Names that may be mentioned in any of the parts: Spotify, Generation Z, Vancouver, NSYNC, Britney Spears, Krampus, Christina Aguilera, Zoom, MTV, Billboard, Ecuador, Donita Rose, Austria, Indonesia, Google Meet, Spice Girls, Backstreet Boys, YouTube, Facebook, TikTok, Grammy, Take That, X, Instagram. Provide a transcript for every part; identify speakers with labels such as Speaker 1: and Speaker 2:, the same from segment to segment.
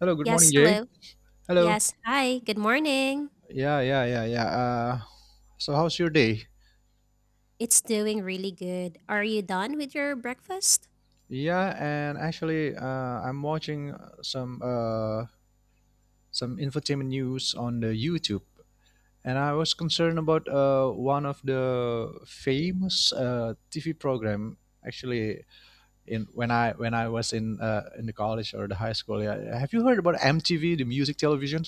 Speaker 1: Hello, good morning,
Speaker 2: Yes,
Speaker 1: Jay.
Speaker 2: hello.
Speaker 1: Hello.
Speaker 2: Yes, hi. Good morning.
Speaker 1: Yeah. So how's your day?
Speaker 2: It's doing really good. Are you done with your breakfast?
Speaker 1: Yeah, and actually, I'm watching some infotainment news on the YouTube, and I was concerned about one of the famous TV program. Actually, in when I was in the college or the high school, yeah. Have you heard about MTV, the music television?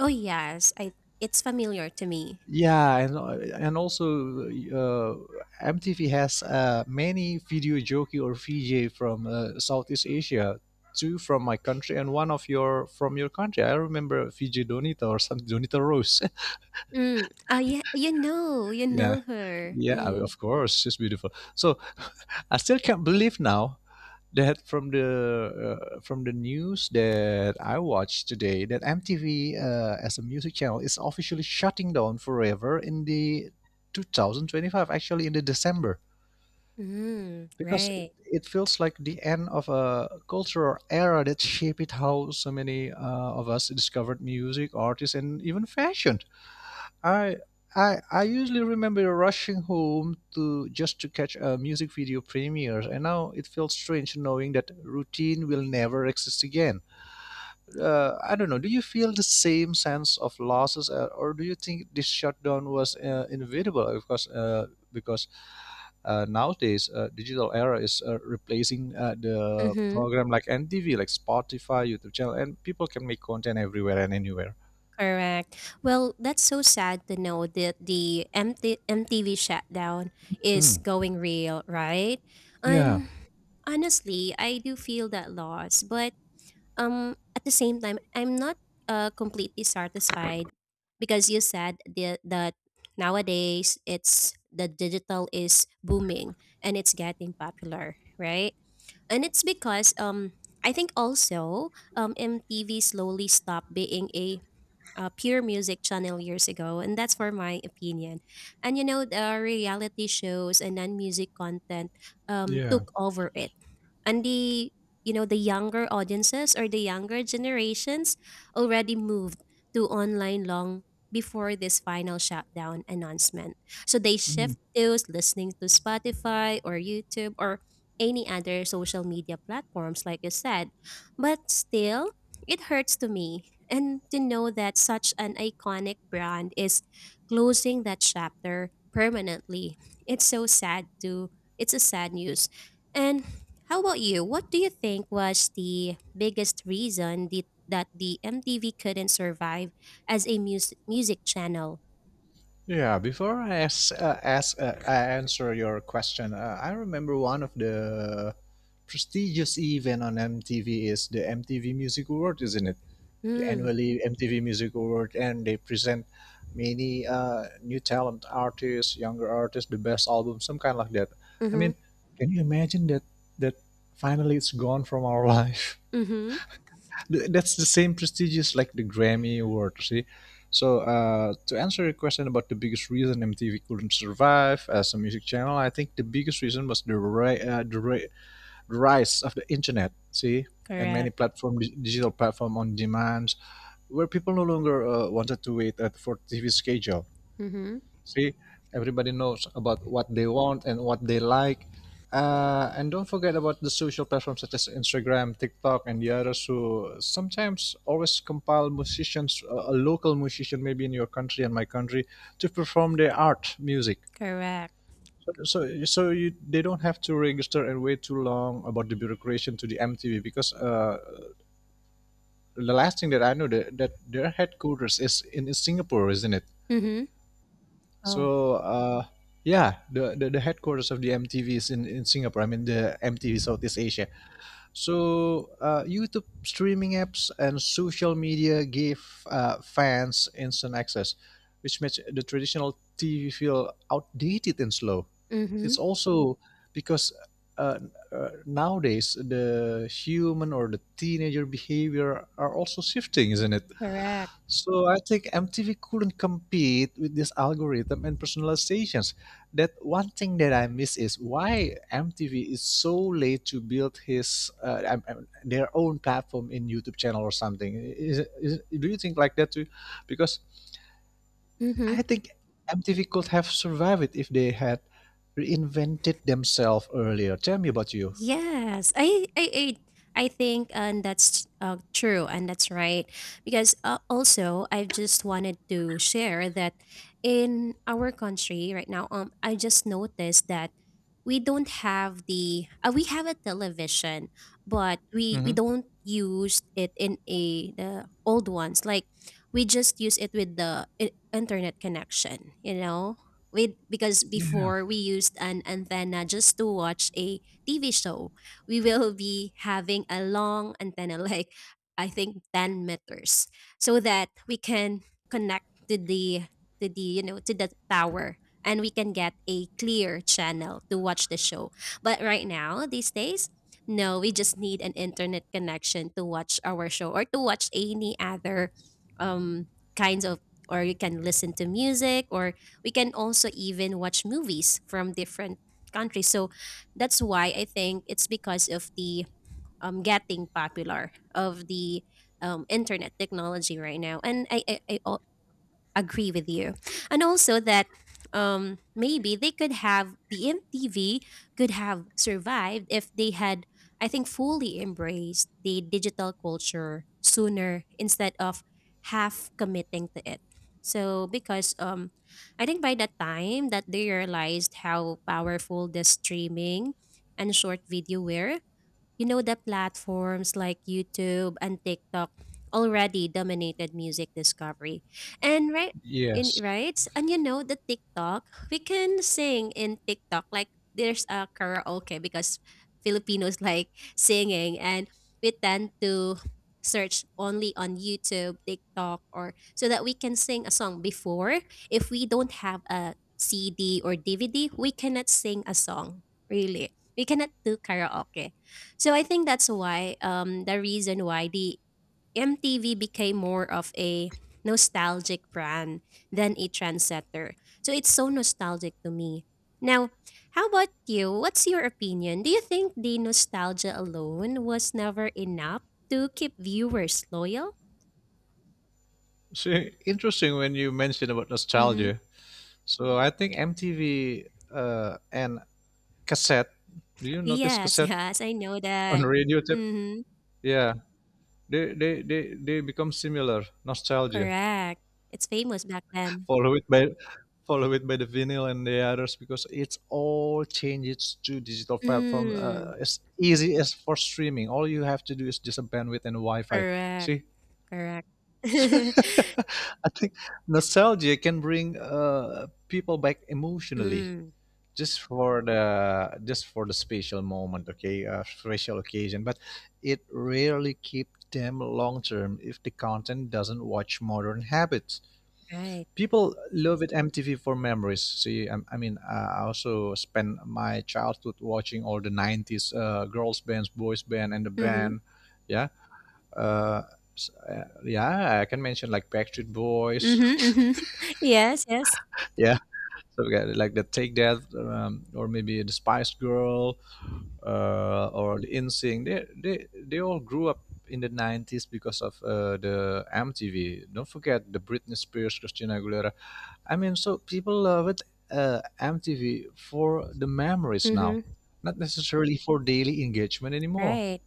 Speaker 2: Oh, yes. I It's familiar to me.
Speaker 1: Yeah, and also uh, MTV has many video jockey or VJ from Southeast Asia, two from my country and one of your from your country. I remember VJ Donita or some Donita Rose.
Speaker 2: Mm. Oh, yeah. You know, you
Speaker 1: yeah,
Speaker 2: know her. Mm.
Speaker 1: of course, she's beautiful. So I still can't believe now that from the news that I watched today that MTV as a music channel is officially shutting down forever in the 2025, actually in the December,
Speaker 2: Mm,
Speaker 1: because it,
Speaker 2: right.
Speaker 1: it feels like the end of a cultural era that shaped how so many of us discovered music artists and even fashion. I I usually remember rushing home to just to catch a music video premiere, and now it feels strange knowing that routine will never exist again. I don't know. Do you feel the same sense of losses, or do you think this shutdown was inevitable? Of course, because nowadays digital era is replacing the
Speaker 2: Mm-hmm.
Speaker 1: program like MTV, like Spotify, YouTube channel, and people can make content everywhere and anywhere.
Speaker 2: Correct. Well, that's so sad to know that the MTV shutdown is
Speaker 1: Mm.
Speaker 2: going real, right?
Speaker 1: Yeah.
Speaker 2: And honestly, I do feel that loss, but at the same time, I'm not completely satisfied because you said that nowadays it's the digital is booming and it's getting popular, right? And it's because, I think also, MTV slowly stopped being a pure music channel years ago, and that's for my opinion. And you know, the reality shows and non music content,
Speaker 1: Yeah.
Speaker 2: took over it, and the younger audiences or the younger generations already moved to online long before this final shutdown announcement. So they shift to listening to Spotify or YouTube or any other social media platforms, like you said. But still, it hurts to me. And to know that such an iconic brand is closing that chapter permanently. It's so sad to it's a sad news. And how about you? What do you think was the biggest reason that the MTV couldn't survive as a music channel?
Speaker 1: Yeah, before I ask, I answer your question, I remember one of the prestigious event on MTV is the MTV Music Award, isn't it? The
Speaker 2: Mm.
Speaker 1: annually MTV Music Award, and they present many new talent artists, younger artists, the best album, some kind like that. I
Speaker 2: Mhm.
Speaker 1: mean, can you imagine that finally it's gone from our life?
Speaker 2: Mhm.
Speaker 1: That's the same prestigious like the Grammy award, see? So, to answer your question about the biggest reason MTV couldn't survive as a music channel, I think the biggest reason was the rise of the internet, see? And many
Speaker 2: Correct.
Speaker 1: digital platform on demand, where people no longer wanted to wait at for TV schedule.
Speaker 2: Mhm.
Speaker 1: See, everybody knows about what they want and what they like. And don't forget about the social platforms such as Instagram, TikTok, and the others who sometimes always compile musicians, a local musician maybe in your country and my country, to perform their art music.
Speaker 2: Correct.
Speaker 1: So you, they don't have to register and wait too long about the bureaucracy to the MTV because the last thing that I know that their headquarters is in Singapore, isn't it?
Speaker 2: Mhm. Oh.
Speaker 1: So yeah, the headquarters of the MTV is in Singapore. I mean the MTV Southeast Asia. So YouTube streaming apps and social media give fans instant access, which makes the traditional TV feel outdated and slow. It's
Speaker 2: Mhm.
Speaker 1: also because uh, nowadays the human or the teenager behavior are also shifting, isn't it?
Speaker 2: Correct.
Speaker 1: So I think MTV couldn't compete with this algorithm and personalizations. That one thing that I miss is why MTV is so late to build his their own platform in YouTube channel or something. Do you think like that too? Because
Speaker 2: Mhm.
Speaker 1: I think MTV could have survived it if they had reinvented themselves earlier. Tell me about you.
Speaker 2: Yes, I think, and that's true, and that's right because, also, I just wanted to share that in our country right now, I just noticed that we don't have the we have a television, but we
Speaker 1: Hmm.
Speaker 2: don't use it in a the old ones, like we just use it with the internet connection, you know, with, because
Speaker 1: Yeah.
Speaker 2: before we used an antenna just to watch a TV show. We will be having a long antenna, like I think 10 meters, so that we can connect to the to the tower, and we can get a clear channel to watch the show. But right now, these days, no, we just need an internet connection to watch our show or to watch any other, um kinds of, or you can listen to music, or we can also even watch movies from different countries. So that's why I think it's because of the, getting popular of the, internet technology right now. And I agree with you. And also that, maybe they could have, the MTV could have survived if they had, I think, fully embraced the digital culture sooner instead of half committing to it. So, because, I think by the time that they realized how powerful the streaming and short video were, you know, that platforms like YouTube and TikTok already dominated music discovery. And
Speaker 1: Yes.
Speaker 2: right? And you know the TikTok, we can sing in TikTok, like there's a karaoke, because Filipinos like singing, and we tend to search only on YouTube, TikTok, or, so that we can sing a song. Before, if we don't have a CD or DVD, we cannot sing a song. Really. We cannot do karaoke. So I think that's why, the reason why the MTV became more of a nostalgic brand than a trendsetter. So it's so nostalgic to me. Now, how about you? What's your opinion? Do you think the nostalgia alone was never enough to keep viewers loyal?
Speaker 1: So interesting when you mentioned about
Speaker 2: Mm-hmm.
Speaker 1: nostalgia. So I think MTV and cassette. Do you notice
Speaker 2: Yes,
Speaker 1: cassette
Speaker 2: yes, I know
Speaker 1: on
Speaker 2: that.
Speaker 1: radio tape?
Speaker 2: Mm-hmm.
Speaker 1: Yeah, they become similar nostalgia.
Speaker 2: Correct. It's famous back then.
Speaker 1: Follow it by follow it by the vinyl and the others because it's all changes to digital platform
Speaker 2: Mm,
Speaker 1: as easy as for streaming. All you have to do is just a bandwidth and Wi-Fi.
Speaker 2: correct,
Speaker 1: See,
Speaker 2: correct.
Speaker 1: I think nostalgia can bring people back emotionally,
Speaker 2: Mm,
Speaker 1: just for the special moment. Okay, special occasion, but it rarely keeps them long term if the content doesn't watch modern habits.
Speaker 2: right.
Speaker 1: People love it MTV for memories, see. I mean I also spent my childhood watching all the 90s girls bands, boys band and the
Speaker 2: Mhm.
Speaker 1: band. Yeah uh, s- uh, yeah I can mention like Backstreet Boys.
Speaker 2: Mhm, mhm. Yes, yes.
Speaker 1: Yeah, so we got like the Take That, or maybe the Spice Girl, or the InSync. They all grew up in the 90s because of the MTV. Don't forget the Britney Spears, Christina Aguilera. I mean, so people love it, MTV for the memories now,
Speaker 2: Mhm.
Speaker 1: not necessarily for daily engagement anymore.
Speaker 2: Right.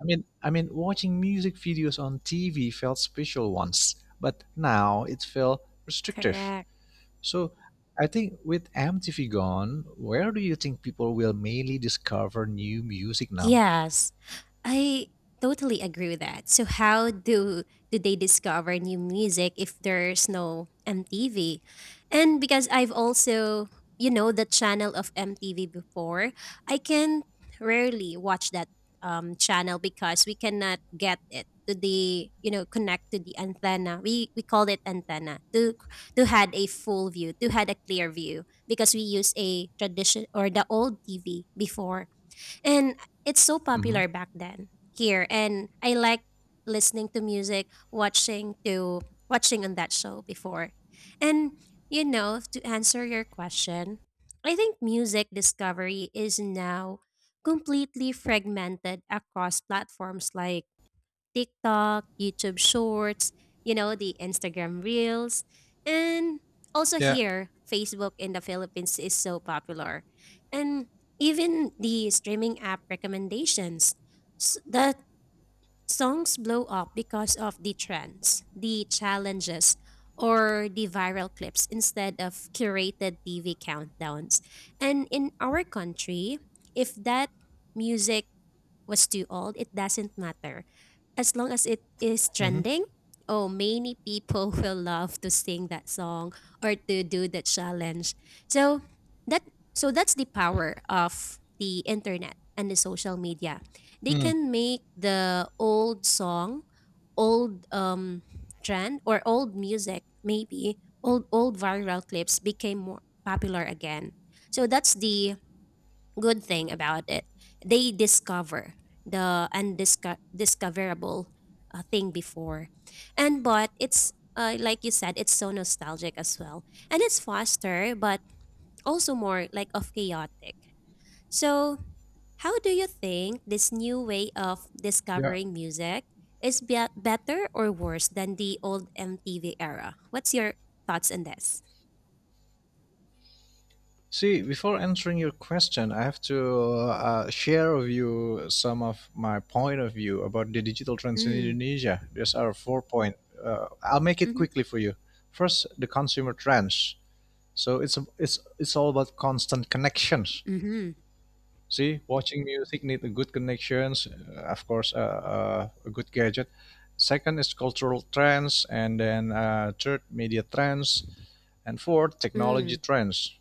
Speaker 1: I mean, watching music videos on TV felt special once, but now it felt restrictive.
Speaker 2: Correct.
Speaker 1: So I think with MTV gone, where do you think people will mainly discover new music now?
Speaker 2: Yes. I totally agree with that. So how do, do they discover new music if there's no MTV? And because I've also, you know, the channel of MTV before, I can rarely watch that, channel because we cannot get it to the, you know, connect to the antenna, we call it antenna, to had a clear view, because we use a tradition or the old TV before, and it's so
Speaker 1: Mm-hmm.
Speaker 2: popular back then here. And I like listening to music, watching on that show before. And you know, to answer your question, I think music discovery is now completely fragmented across platforms like TikTok, YouTube Shorts, you know, the Instagram Reels. And also
Speaker 1: Yeah.
Speaker 2: here, Facebook in the Philippines is so popular. And even the streaming app recommendations, that songs blow up because of the trends, the challenges, or the viral clips instead of curated TV countdowns. And in our country, if that music was too old, it doesn't matter, as long as it is
Speaker 1: Mm-hmm.
Speaker 2: trending, oh, many people will love to sing that song or to do the challenge. So that that's the power of the internet and the social media. They
Speaker 1: Mm.
Speaker 2: can make the old song, old, trend, or old music, maybe old, old viral clips became more popular again. So that's the good thing about it. They discover the undiscoverable, thing before. And but it's, like you said, it's so nostalgic as well, and it's faster, but also more like of chaotic. So how do you think this new way of
Speaker 1: Yeah.
Speaker 2: discovering music is better or worse than the old MTV era? What's your thoughts on this?
Speaker 1: See, before answering your question, I have to share with you some of my point of view about the digital trends in
Speaker 2: Mm,
Speaker 1: Indonesia. There's our four point. I'll make it
Speaker 2: mm-hmm,
Speaker 1: quickly for you. First, the consumer trends. So it's a, it's it's all about constant connections.
Speaker 2: mm-hmm,
Speaker 1: See, watching music need a good connections, of course, a good gadget. Second is cultural trends, and then third media trends, and fourth technology
Speaker 2: mm,
Speaker 1: trends.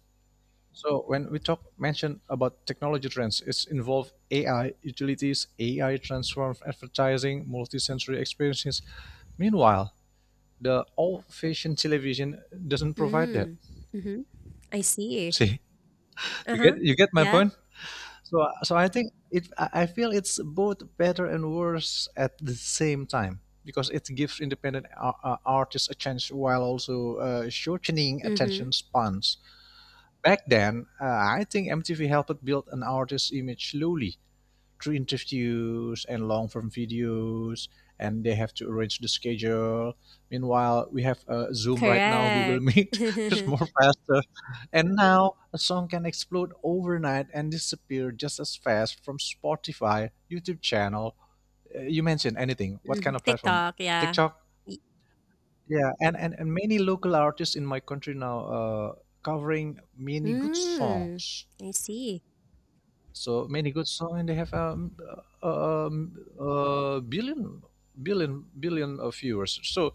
Speaker 1: So when we talk mention about technology trends, it's involved AI utilities, AI transformed advertising, multi sensory experiences. Meanwhile, the old-fashioned television doesn't provide that.
Speaker 2: mm, mm-hmm. I see.
Speaker 1: See, you
Speaker 2: Uh-huh.
Speaker 1: get you get my
Speaker 2: Yeah.
Speaker 1: point. So I think it. I feel it's both better and worse at the same time because it gives independent artists a chance while also shortening
Speaker 2: Mhm.
Speaker 1: attention spans. Back then, I think MTV helped build an artist's image slowly, through interviews and long form videos, and they have to arrange the schedule. Meanwhile, we have zoom right now. Google
Speaker 2: Correct.
Speaker 1: Meet is more faster, and now a song can explode overnight and disappear just as fast from Spotify, YouTube channel. You mentioned anything what
Speaker 2: Mhm.
Speaker 1: kind of platform?
Speaker 2: TikTok, yeah.
Speaker 1: TikTok.
Speaker 2: Y.
Speaker 1: Yeah, and many local artists in my country now covering many good
Speaker 2: Mm,
Speaker 1: songs.
Speaker 2: I see.
Speaker 1: So many good songs, and they have uh, billion, billion, billion of viewers. So,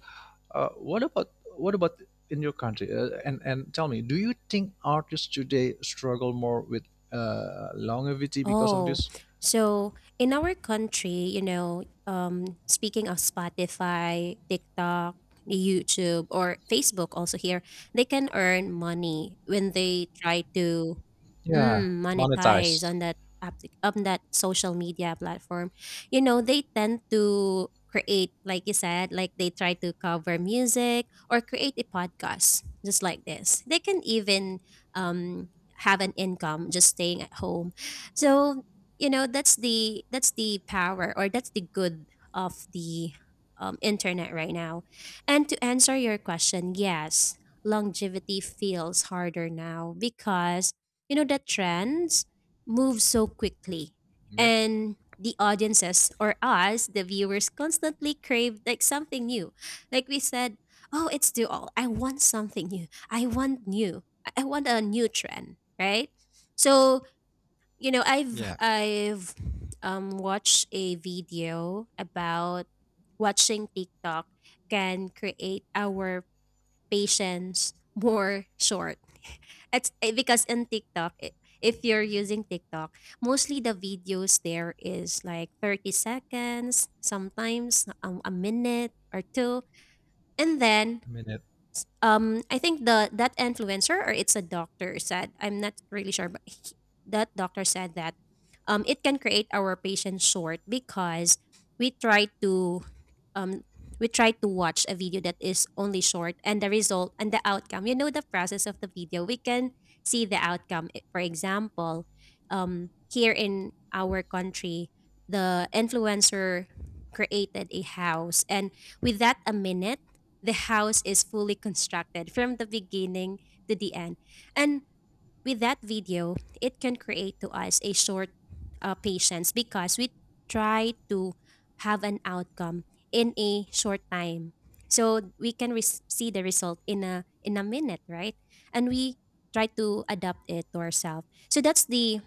Speaker 1: what about in your country? And tell me, do you think artists today struggle more with longevity because of
Speaker 2: Oh,
Speaker 1: this?
Speaker 2: so in our country, you know, speaking of Spotify, TikTok, YouTube, or Facebook, also here, they can earn money when they try to,
Speaker 1: Yeah,
Speaker 2: mm, monetize
Speaker 1: monetized.
Speaker 2: on that, on that social media platform. You know, they tend to create, like you said, like they try to cover music or create a podcast, just like this. They can even, um, have an income just staying at home. So, you know, that's the power, or that's the good of the, internet right now. And to answer your question, yes, longevity feels harder now because you know the trends move so quickly,
Speaker 1: Yeah,
Speaker 2: and the audiences, or us the viewers, constantly crave like something new, like we said, oh, it's too old, I want something new, I want new, I want a new trend, right? So, you know, I've
Speaker 1: yeah.
Speaker 2: I've watched a video about watching TikTok can create our patience more short. It's eh, because in TikTok, if you're using TikTok, mostly the videos there is like 30 seconds, sometimes, a minute or two. And then,
Speaker 1: I mean it.
Speaker 2: I think the that influencer, or it's a doctor said, I'm not really sure, but that doctor said that, it can create our patients short, because we try to, um, we try to watch a video that is only short, and the result and the outcome. You know, the process of the video, we can see the outcome. For example, here in our country, the influencer created a house, and with that a minute, the house is fully constructed from the beginning to the end. And with that video, it can create to us a short, patience, because we try to have an outcome in a short time. So we can see the result in a, in a minute, right? And we try to adapt it to ourselves. So that's the,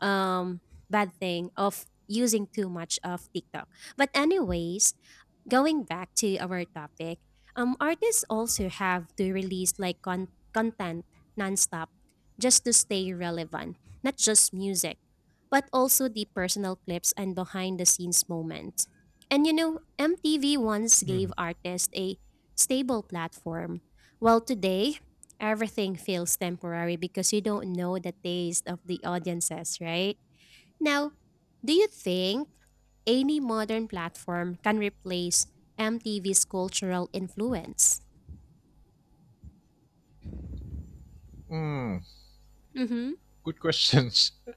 Speaker 2: um, bad thing of using too much of TikTok. But anyways, going back to our topic, artists also have to release like content nonstop just to stay relevant, not just music, but also the personal clips and behind the scenes moments. And you know, MTV once gave
Speaker 1: Mm.
Speaker 2: artists a stable platform. Well, today, everything feels temporary because you don't know the taste of the audiences, right? Now, do you think any modern platform can replace MTV's cultural influence?
Speaker 1: Mm.
Speaker 2: Mm-hmm.
Speaker 1: Good questions.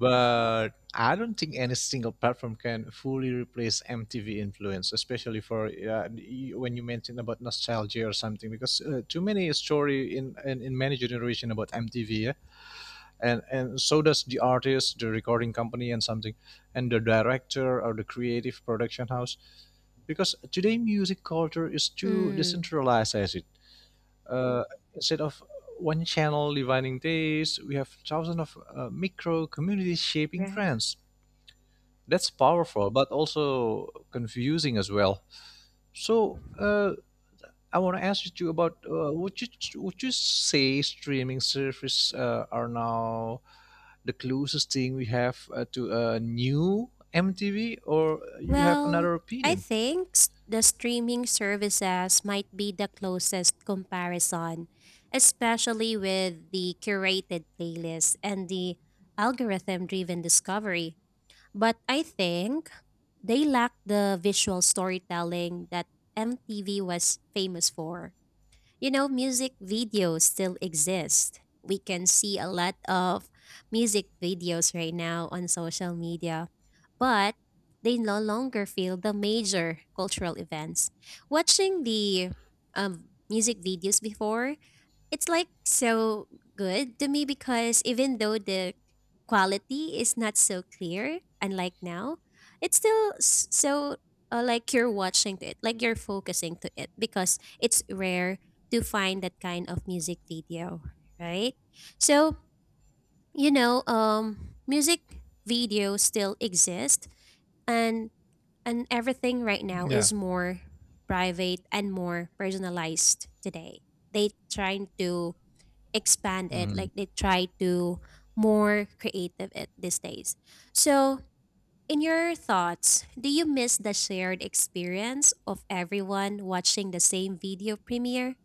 Speaker 1: But I don't think any single platform can fully replace MTV influence, especially for when you mention about nostalgia or something, because too many story in many generation about MTV, yeah? And so does the artist, the recording company, and something, and the director or the creative production house, because today music culture is too
Speaker 2: Mm.
Speaker 1: decentralized, as it uh, instead of one channel dividing days, we have thousands of micro communities shaping
Speaker 2: Right.
Speaker 1: trends. That's powerful, but also confusing as well. So, I want to ask you too about would you say streaming service are now the closest thing we have to a new MTV, or you have
Speaker 2: Well,
Speaker 1: another
Speaker 2: I
Speaker 1: opinion?
Speaker 2: think, the streaming services might be the closest comparison, especially with the curated playlists and the algorithm driven discovery. But I think they lack the visual storytelling that MTV was famous for. You know, music videos still exist. We can see a lot of music videos right now on social media, but they no longer feel the major cultural events. Watching the, music videos before, it's like so good to me, because even though the quality is not so clear, unlike now, it's still so, like you're watching to it, like you're focusing to it, because it's rare to find that kind of music video, right? So, music videos still exist, and and everything right now
Speaker 1: Yeah.
Speaker 2: is more private and more personalized. Today they trying to expand it,
Speaker 1: Mm-hmm.
Speaker 2: like they try to more creative it these days. So, in your thoughts, do you miss the shared experience of everyone watching the same video premiere?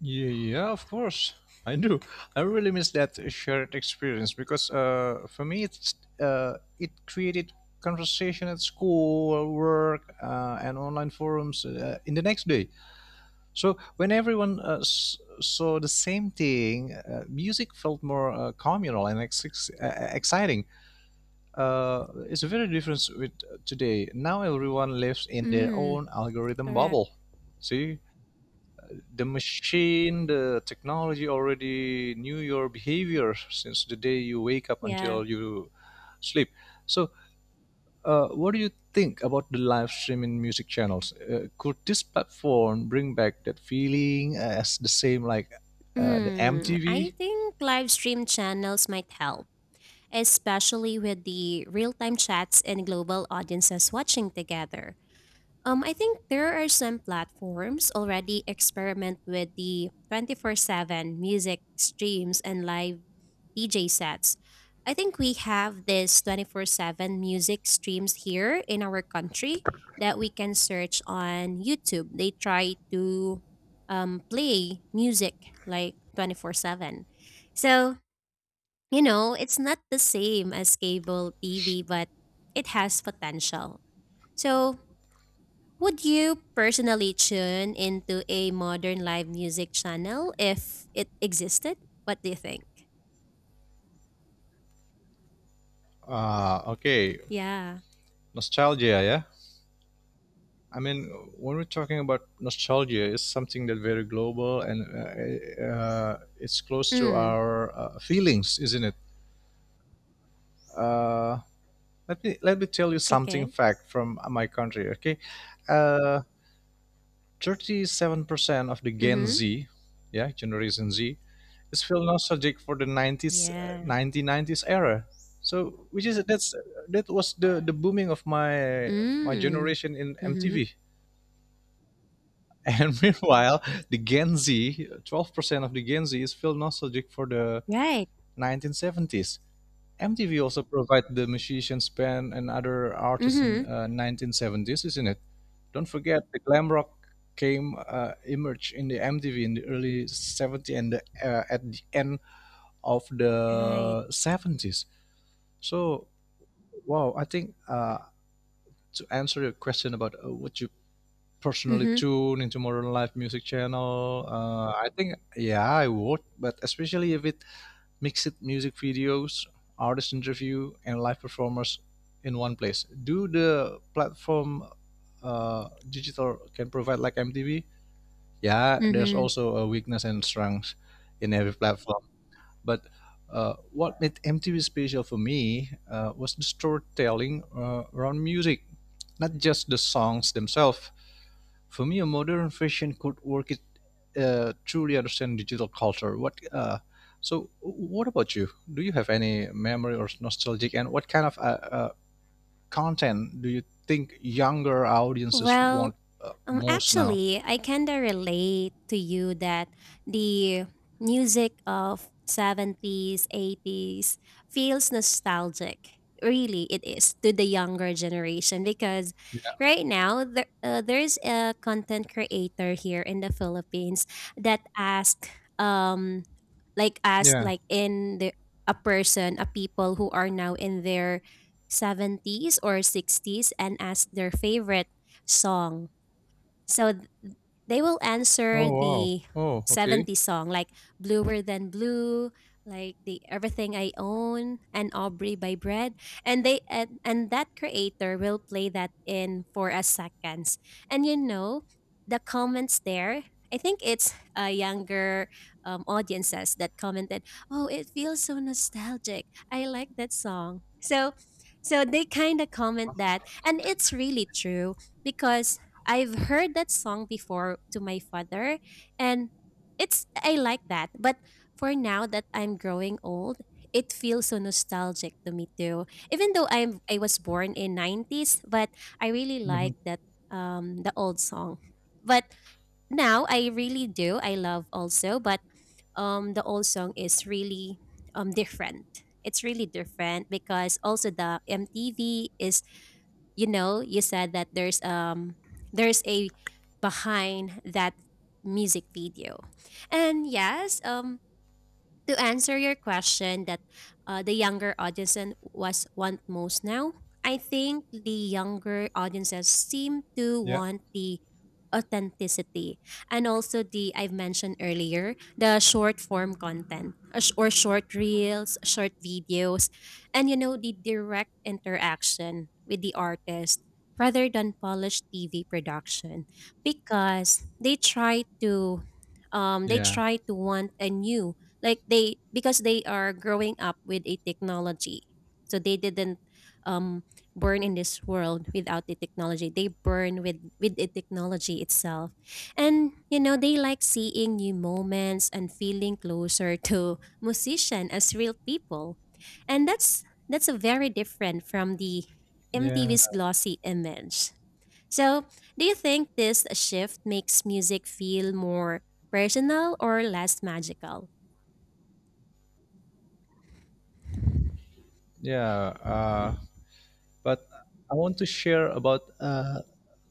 Speaker 1: Yeah, yeah, of course. I do. I really miss that shared experience because for me, uh, it created conversation at school, work, and online forums in the next day. So when everyone saw the same thing, music felt more communal and exciting. It's a very difference with today. Now everyone lives in their
Speaker 2: Mm,
Speaker 1: own algorithm
Speaker 2: correct.
Speaker 1: bubble. See, the machine, the technology already knew your behavior since the day you wake up
Speaker 2: Yeah.
Speaker 1: until you sleep. So, what do you think about the live streaming music channels? Could this platform bring back that feeling as the same like the
Speaker 2: I
Speaker 1: MTV?
Speaker 2: think live stream channels might help, especially with the real-time chats and global audiences watching together. I think there are some platforms already experiment with the 24/7 music streams and live DJ sets. I think we have this 24/7 music streams here in our country that we can search on YouTube. They try to play music like 24/7. So, it's not the same as cable TV, but it has potential. So, would you personally tune into a modern live music channel if it existed? What do you think?
Speaker 1: Ah, okay,
Speaker 2: Yeah.
Speaker 1: nostalgia, yeah. I mean, when we're talking about nostalgia, it's something that very global and it's close to
Speaker 2: Mm.
Speaker 1: our feelings, isn't it? Uh, let me tell you something
Speaker 2: Okay.
Speaker 1: fact from my country. Okay, uh, 37% of the Gen
Speaker 2: Mm-hmm.
Speaker 1: Z, yeah, Generation Z, is feel nostalgic for the 90s,
Speaker 2: Yeah.
Speaker 1: nineteen nineties era. So, which is that was the booming of my
Speaker 2: Mm.
Speaker 1: generation in
Speaker 2: Mm-hmm.
Speaker 1: MTV. And meanwhile, the Gen Z, 12% of the Gen Z is feel nostalgic for the
Speaker 2: Right.
Speaker 1: nineteen seventies. MTV also provided the musicians band and other artists in
Speaker 2: Mm-hmm.
Speaker 1: 1970s, isn't it? Don't forget the glam rock came emerged in the MTV in the early 70s and the, at the end of
Speaker 2: Right.
Speaker 1: the 70s. So, wow, I think to answer your question about would you personally
Speaker 2: Mm-hmm.
Speaker 1: tune into modern live music channel, I think yeah, I would, but especially if it mixed music videos, artist interview, and live performers in one place. Do the platform digital can provide like MTV? Yeah, there's
Speaker 2: Mm-hmm.
Speaker 1: also a weakness and strength in every platform. But what made MTV special for me was the storytelling around music, not just the songs themselves for me, a modern fashion could work it truly understand digital culture. What so? What about you? Do you have any memory or nostalgic? And what kind of uh, content do you think younger audiences want
Speaker 2: Well,
Speaker 1: most now?
Speaker 2: actually, I kinda relate to you that the music of 70s, 80s feels nostalgic. Really, it is, to the younger generation, because
Speaker 1: Yeah.
Speaker 2: right now there's a content creator here in the Philippines that asked, um, like asked
Speaker 1: Yeah.
Speaker 2: like in the a person, a people who are now in their 70s or 60s, and asked their favorite song. So they will
Speaker 1: Oh
Speaker 2: answer
Speaker 1: wow.
Speaker 2: the
Speaker 1: Oh, okay.
Speaker 2: '70s song, like Bluer Than Blue, like the Everything I Own and Aubrey by Bread. And that creator will play that in for a seconds. And you know, the comments there, I think it's younger audiences that commented, "Oh, it feels so nostalgic. I like that song." So they kind of comment that, and it's really true, because I've heard that song before to my father, and it's I like that. But for now that I'm growing old, it feels so nostalgic to me too. Even though I was born in 90s, but I really
Speaker 1: hmm
Speaker 2: like that the old song. But now I really do. I love also, but the old song is really different. It's really different because also the MTV is, you know, you said that there's a behind that music video. And yes, to answer your question that the younger audience and was want most now, I think the younger audiences seem to
Speaker 1: Yeah.
Speaker 2: want the authenticity, and also the I've mentioned earlier, the short form content, or short reels, short videos. And you know, the direct interaction with the artist rather than polished tv production, because they
Speaker 1: Yeah.
Speaker 2: try to want a new, like they, because they are growing up with a technology, so they didn't um burn in this world without the technology. They burn with the technology itself. And you know, they like seeing new moments and feeling closer to musician as real people. And that's a very different from the
Speaker 1: Yeah.
Speaker 2: mtv's glossy image. So, do you think this shift makes music feel more personal or less magical?
Speaker 1: Yeah. But I want to share about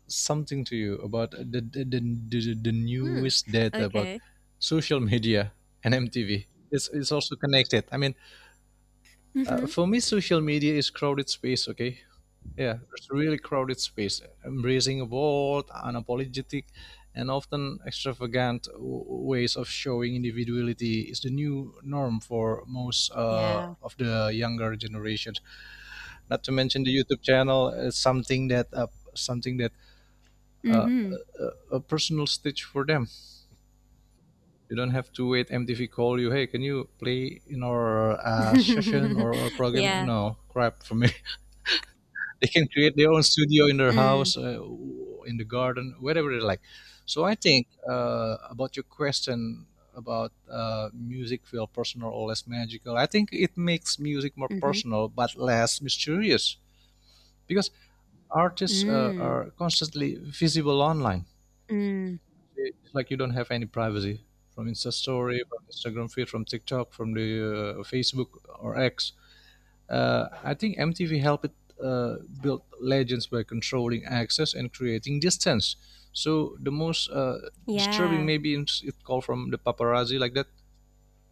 Speaker 1: something to you about the
Speaker 2: Mm,
Speaker 1: newest data about
Speaker 2: okay.
Speaker 1: social media and MTV. It's also connected. I mean,
Speaker 2: Mhm.
Speaker 1: for me, social media is crowded space. Okay, yeah, it's really crowded space, embracing a bold, unapologetic, and often extravagant ways of showing individuality is the new norm for most
Speaker 2: Yeah.
Speaker 1: of the younger generations. Not to mention the YouTube channel is something that uh,
Speaker 2: Mhm.
Speaker 1: a personal stage for them. You don't have to wait MTV call you. Hey, can you play in our session or program?
Speaker 2: Yeah.
Speaker 1: No, crap for me. They can create their own studio in their
Speaker 2: Mm,
Speaker 1: house, in the garden, wherever they like. So I think about your question about music feel personal or less magical. I think it makes music more
Speaker 2: mhm.
Speaker 1: personal but less mysterious because artists
Speaker 2: Mm,
Speaker 1: are constantly visible online.
Speaker 2: mm.
Speaker 1: It's like you don't have any privacy from Insta story, from Instagram feed, from TikTok, from the Facebook or X. I think MTV helped it build legends by controlling access and creating distance. So the most disturbing
Speaker 2: Yeah.
Speaker 1: maybe is it called from the paparazzi like that.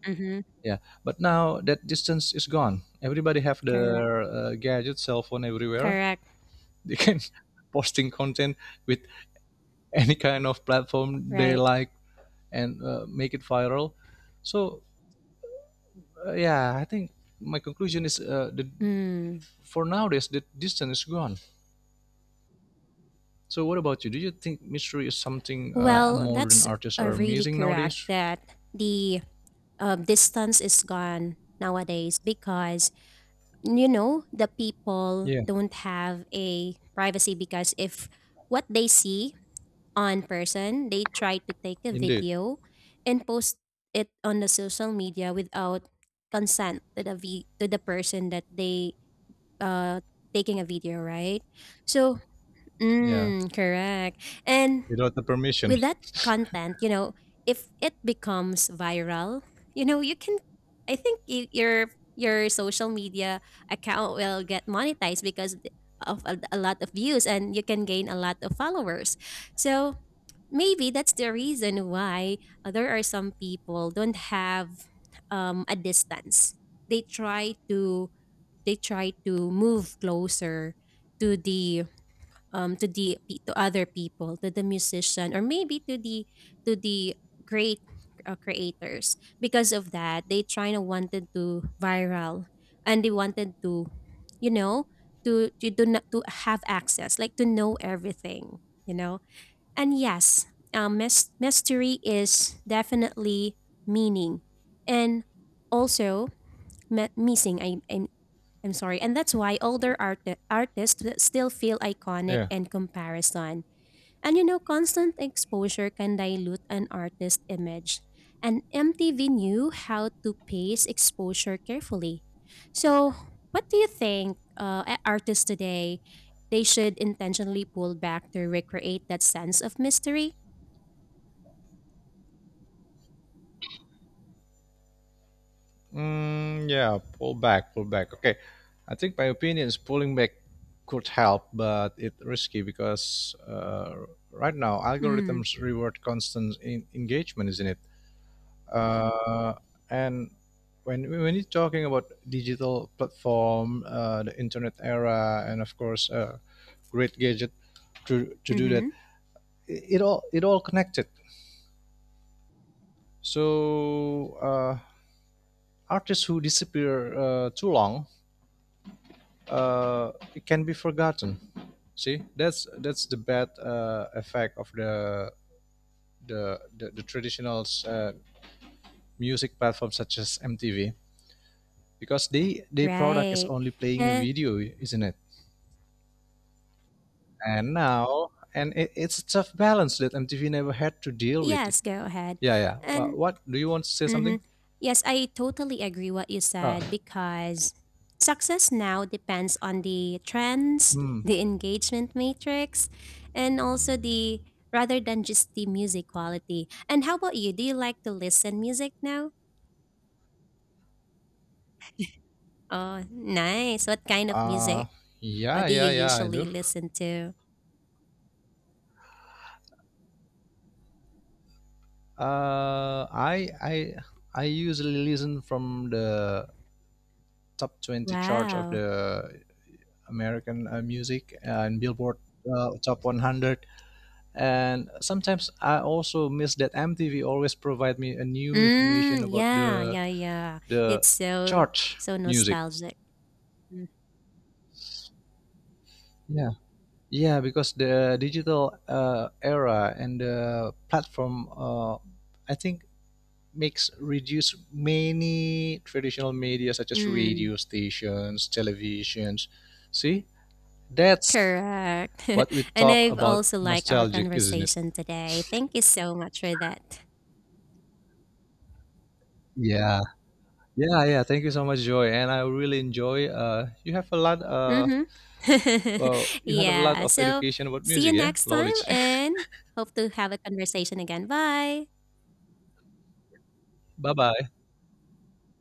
Speaker 2: Mhm.
Speaker 1: Yeah, but now that distance is gone. Everybody have their
Speaker 2: Correct.
Speaker 1: gadget, cell phone everywhere.
Speaker 2: Correct.
Speaker 1: They can posting content with any kind of platform they
Speaker 2: Right.
Speaker 1: like and make it viral. So yeah, I think my conclusion is the
Speaker 2: Mm.
Speaker 1: for nowadays the distance is gone. So what about you? Do you think mystery is something
Speaker 2: Well,
Speaker 1: modern
Speaker 2: that's
Speaker 1: artists are
Speaker 2: really
Speaker 1: missing
Speaker 2: correct
Speaker 1: nowadays?
Speaker 2: that the distance is gone nowadays because you know the people
Speaker 1: Yeah,
Speaker 2: don't have a privacy because if what they see on person, they tried to take a
Speaker 1: indeed.
Speaker 2: video and post it on the social media without consent to the v- to the person that they uh taking a video, right? So,
Speaker 1: Yeah,
Speaker 2: mm, correct. And
Speaker 1: without the permission.
Speaker 2: with that content, you know, if it becomes viral, you know, you can I think y- your social media account will get monetized because of a lot of views and you can gain a lot of followers. So, maybe that's the reason why there are some people don't have a distance they try to they try to move closer to the to the pe- to other people to the musician or maybe to the great creators because of that they trying to wanted to viral and they wanted to you know to do not to have access like to know everything you know and yes, mys- mystery is definitely meaning, and also me- missing. I, I'm sorry, and that's why older art- artists th- still feel iconic
Speaker 1: Yeah.
Speaker 2: and comparison. And you know, constant exposure can dilute an artist's image. And MTV knew how to pace exposure carefully. So, what do you think a- artists today they should intentionally pull back to recreate that sense of mystery?
Speaker 1: Yeah, pull back, pull back. Okay, I think my opinion is pulling back could help, but it's risky because right now
Speaker 2: Mm,
Speaker 1: algorithms reward constant engagement, isn't it? Uh, and when you're talking about digital platform, the internet era, and of course, great gadget to do that,
Speaker 2: mm-hmm.
Speaker 1: it all connected. So artists who disappear too long, it can be forgotten. See, that's the bad effect of the the, traditional music platforms such as MTV because they product is
Speaker 2: Right.
Speaker 1: only playing a
Speaker 2: And
Speaker 1: video, isn't it? And now and it's a tough balance that MTV never had to deal with it.
Speaker 2: yes, go ahead.
Speaker 1: Yeah, yeah.
Speaker 2: And.
Speaker 1: What do you want to say
Speaker 2: Mm-hmm.
Speaker 1: something?
Speaker 2: Yes, I totally agree what you
Speaker 1: Uh,
Speaker 2: said, because success now depends on the trends,
Speaker 1: hmm.
Speaker 2: the engagement matrix, and also the, rather than just the music quality. And how about you? Do you like to listen music now? Oh, nice. What kind of
Speaker 1: Uh,
Speaker 2: music
Speaker 1: yeah,
Speaker 2: do you
Speaker 1: yeah, yeah. I
Speaker 2: usually
Speaker 1: do.
Speaker 2: listen to?
Speaker 1: Uh, I I I usually listen from the top 20 charts of
Speaker 2: Wow.
Speaker 1: the American music and Billboard top 100. And sometimes I also miss that MTV always provide me a new information
Speaker 2: Mm,
Speaker 1: about
Speaker 2: yeah,
Speaker 1: the
Speaker 2: yeah, yeah.
Speaker 1: the
Speaker 2: It's
Speaker 1: chart
Speaker 2: so
Speaker 1: music.
Speaker 2: nostalgic.
Speaker 1: Yeah. Yeah, because the digital era and the platform, I think, makes reduce many traditional media such as
Speaker 2: Mm.
Speaker 1: radio stations, televisions. See, that's
Speaker 2: Correct.
Speaker 1: what we
Speaker 2: And
Speaker 1: talk
Speaker 2: I've
Speaker 1: about
Speaker 2: also liked our
Speaker 1: nostalgic, isn't it?
Speaker 2: conversation today. Thank you so much for that.
Speaker 1: Yeah, yeah, yeah. Thank you so much, Joy, and I really enjoy. You have a lot.
Speaker 2: Mm-hmm.
Speaker 1: You had a lot
Speaker 2: Yeah.
Speaker 1: of
Speaker 2: So,
Speaker 1: education about
Speaker 2: see you
Speaker 1: music, yeah,
Speaker 2: next time,
Speaker 1: knowledge.
Speaker 2: and hope to have a conversation again. Bye.
Speaker 1: Bye, bye,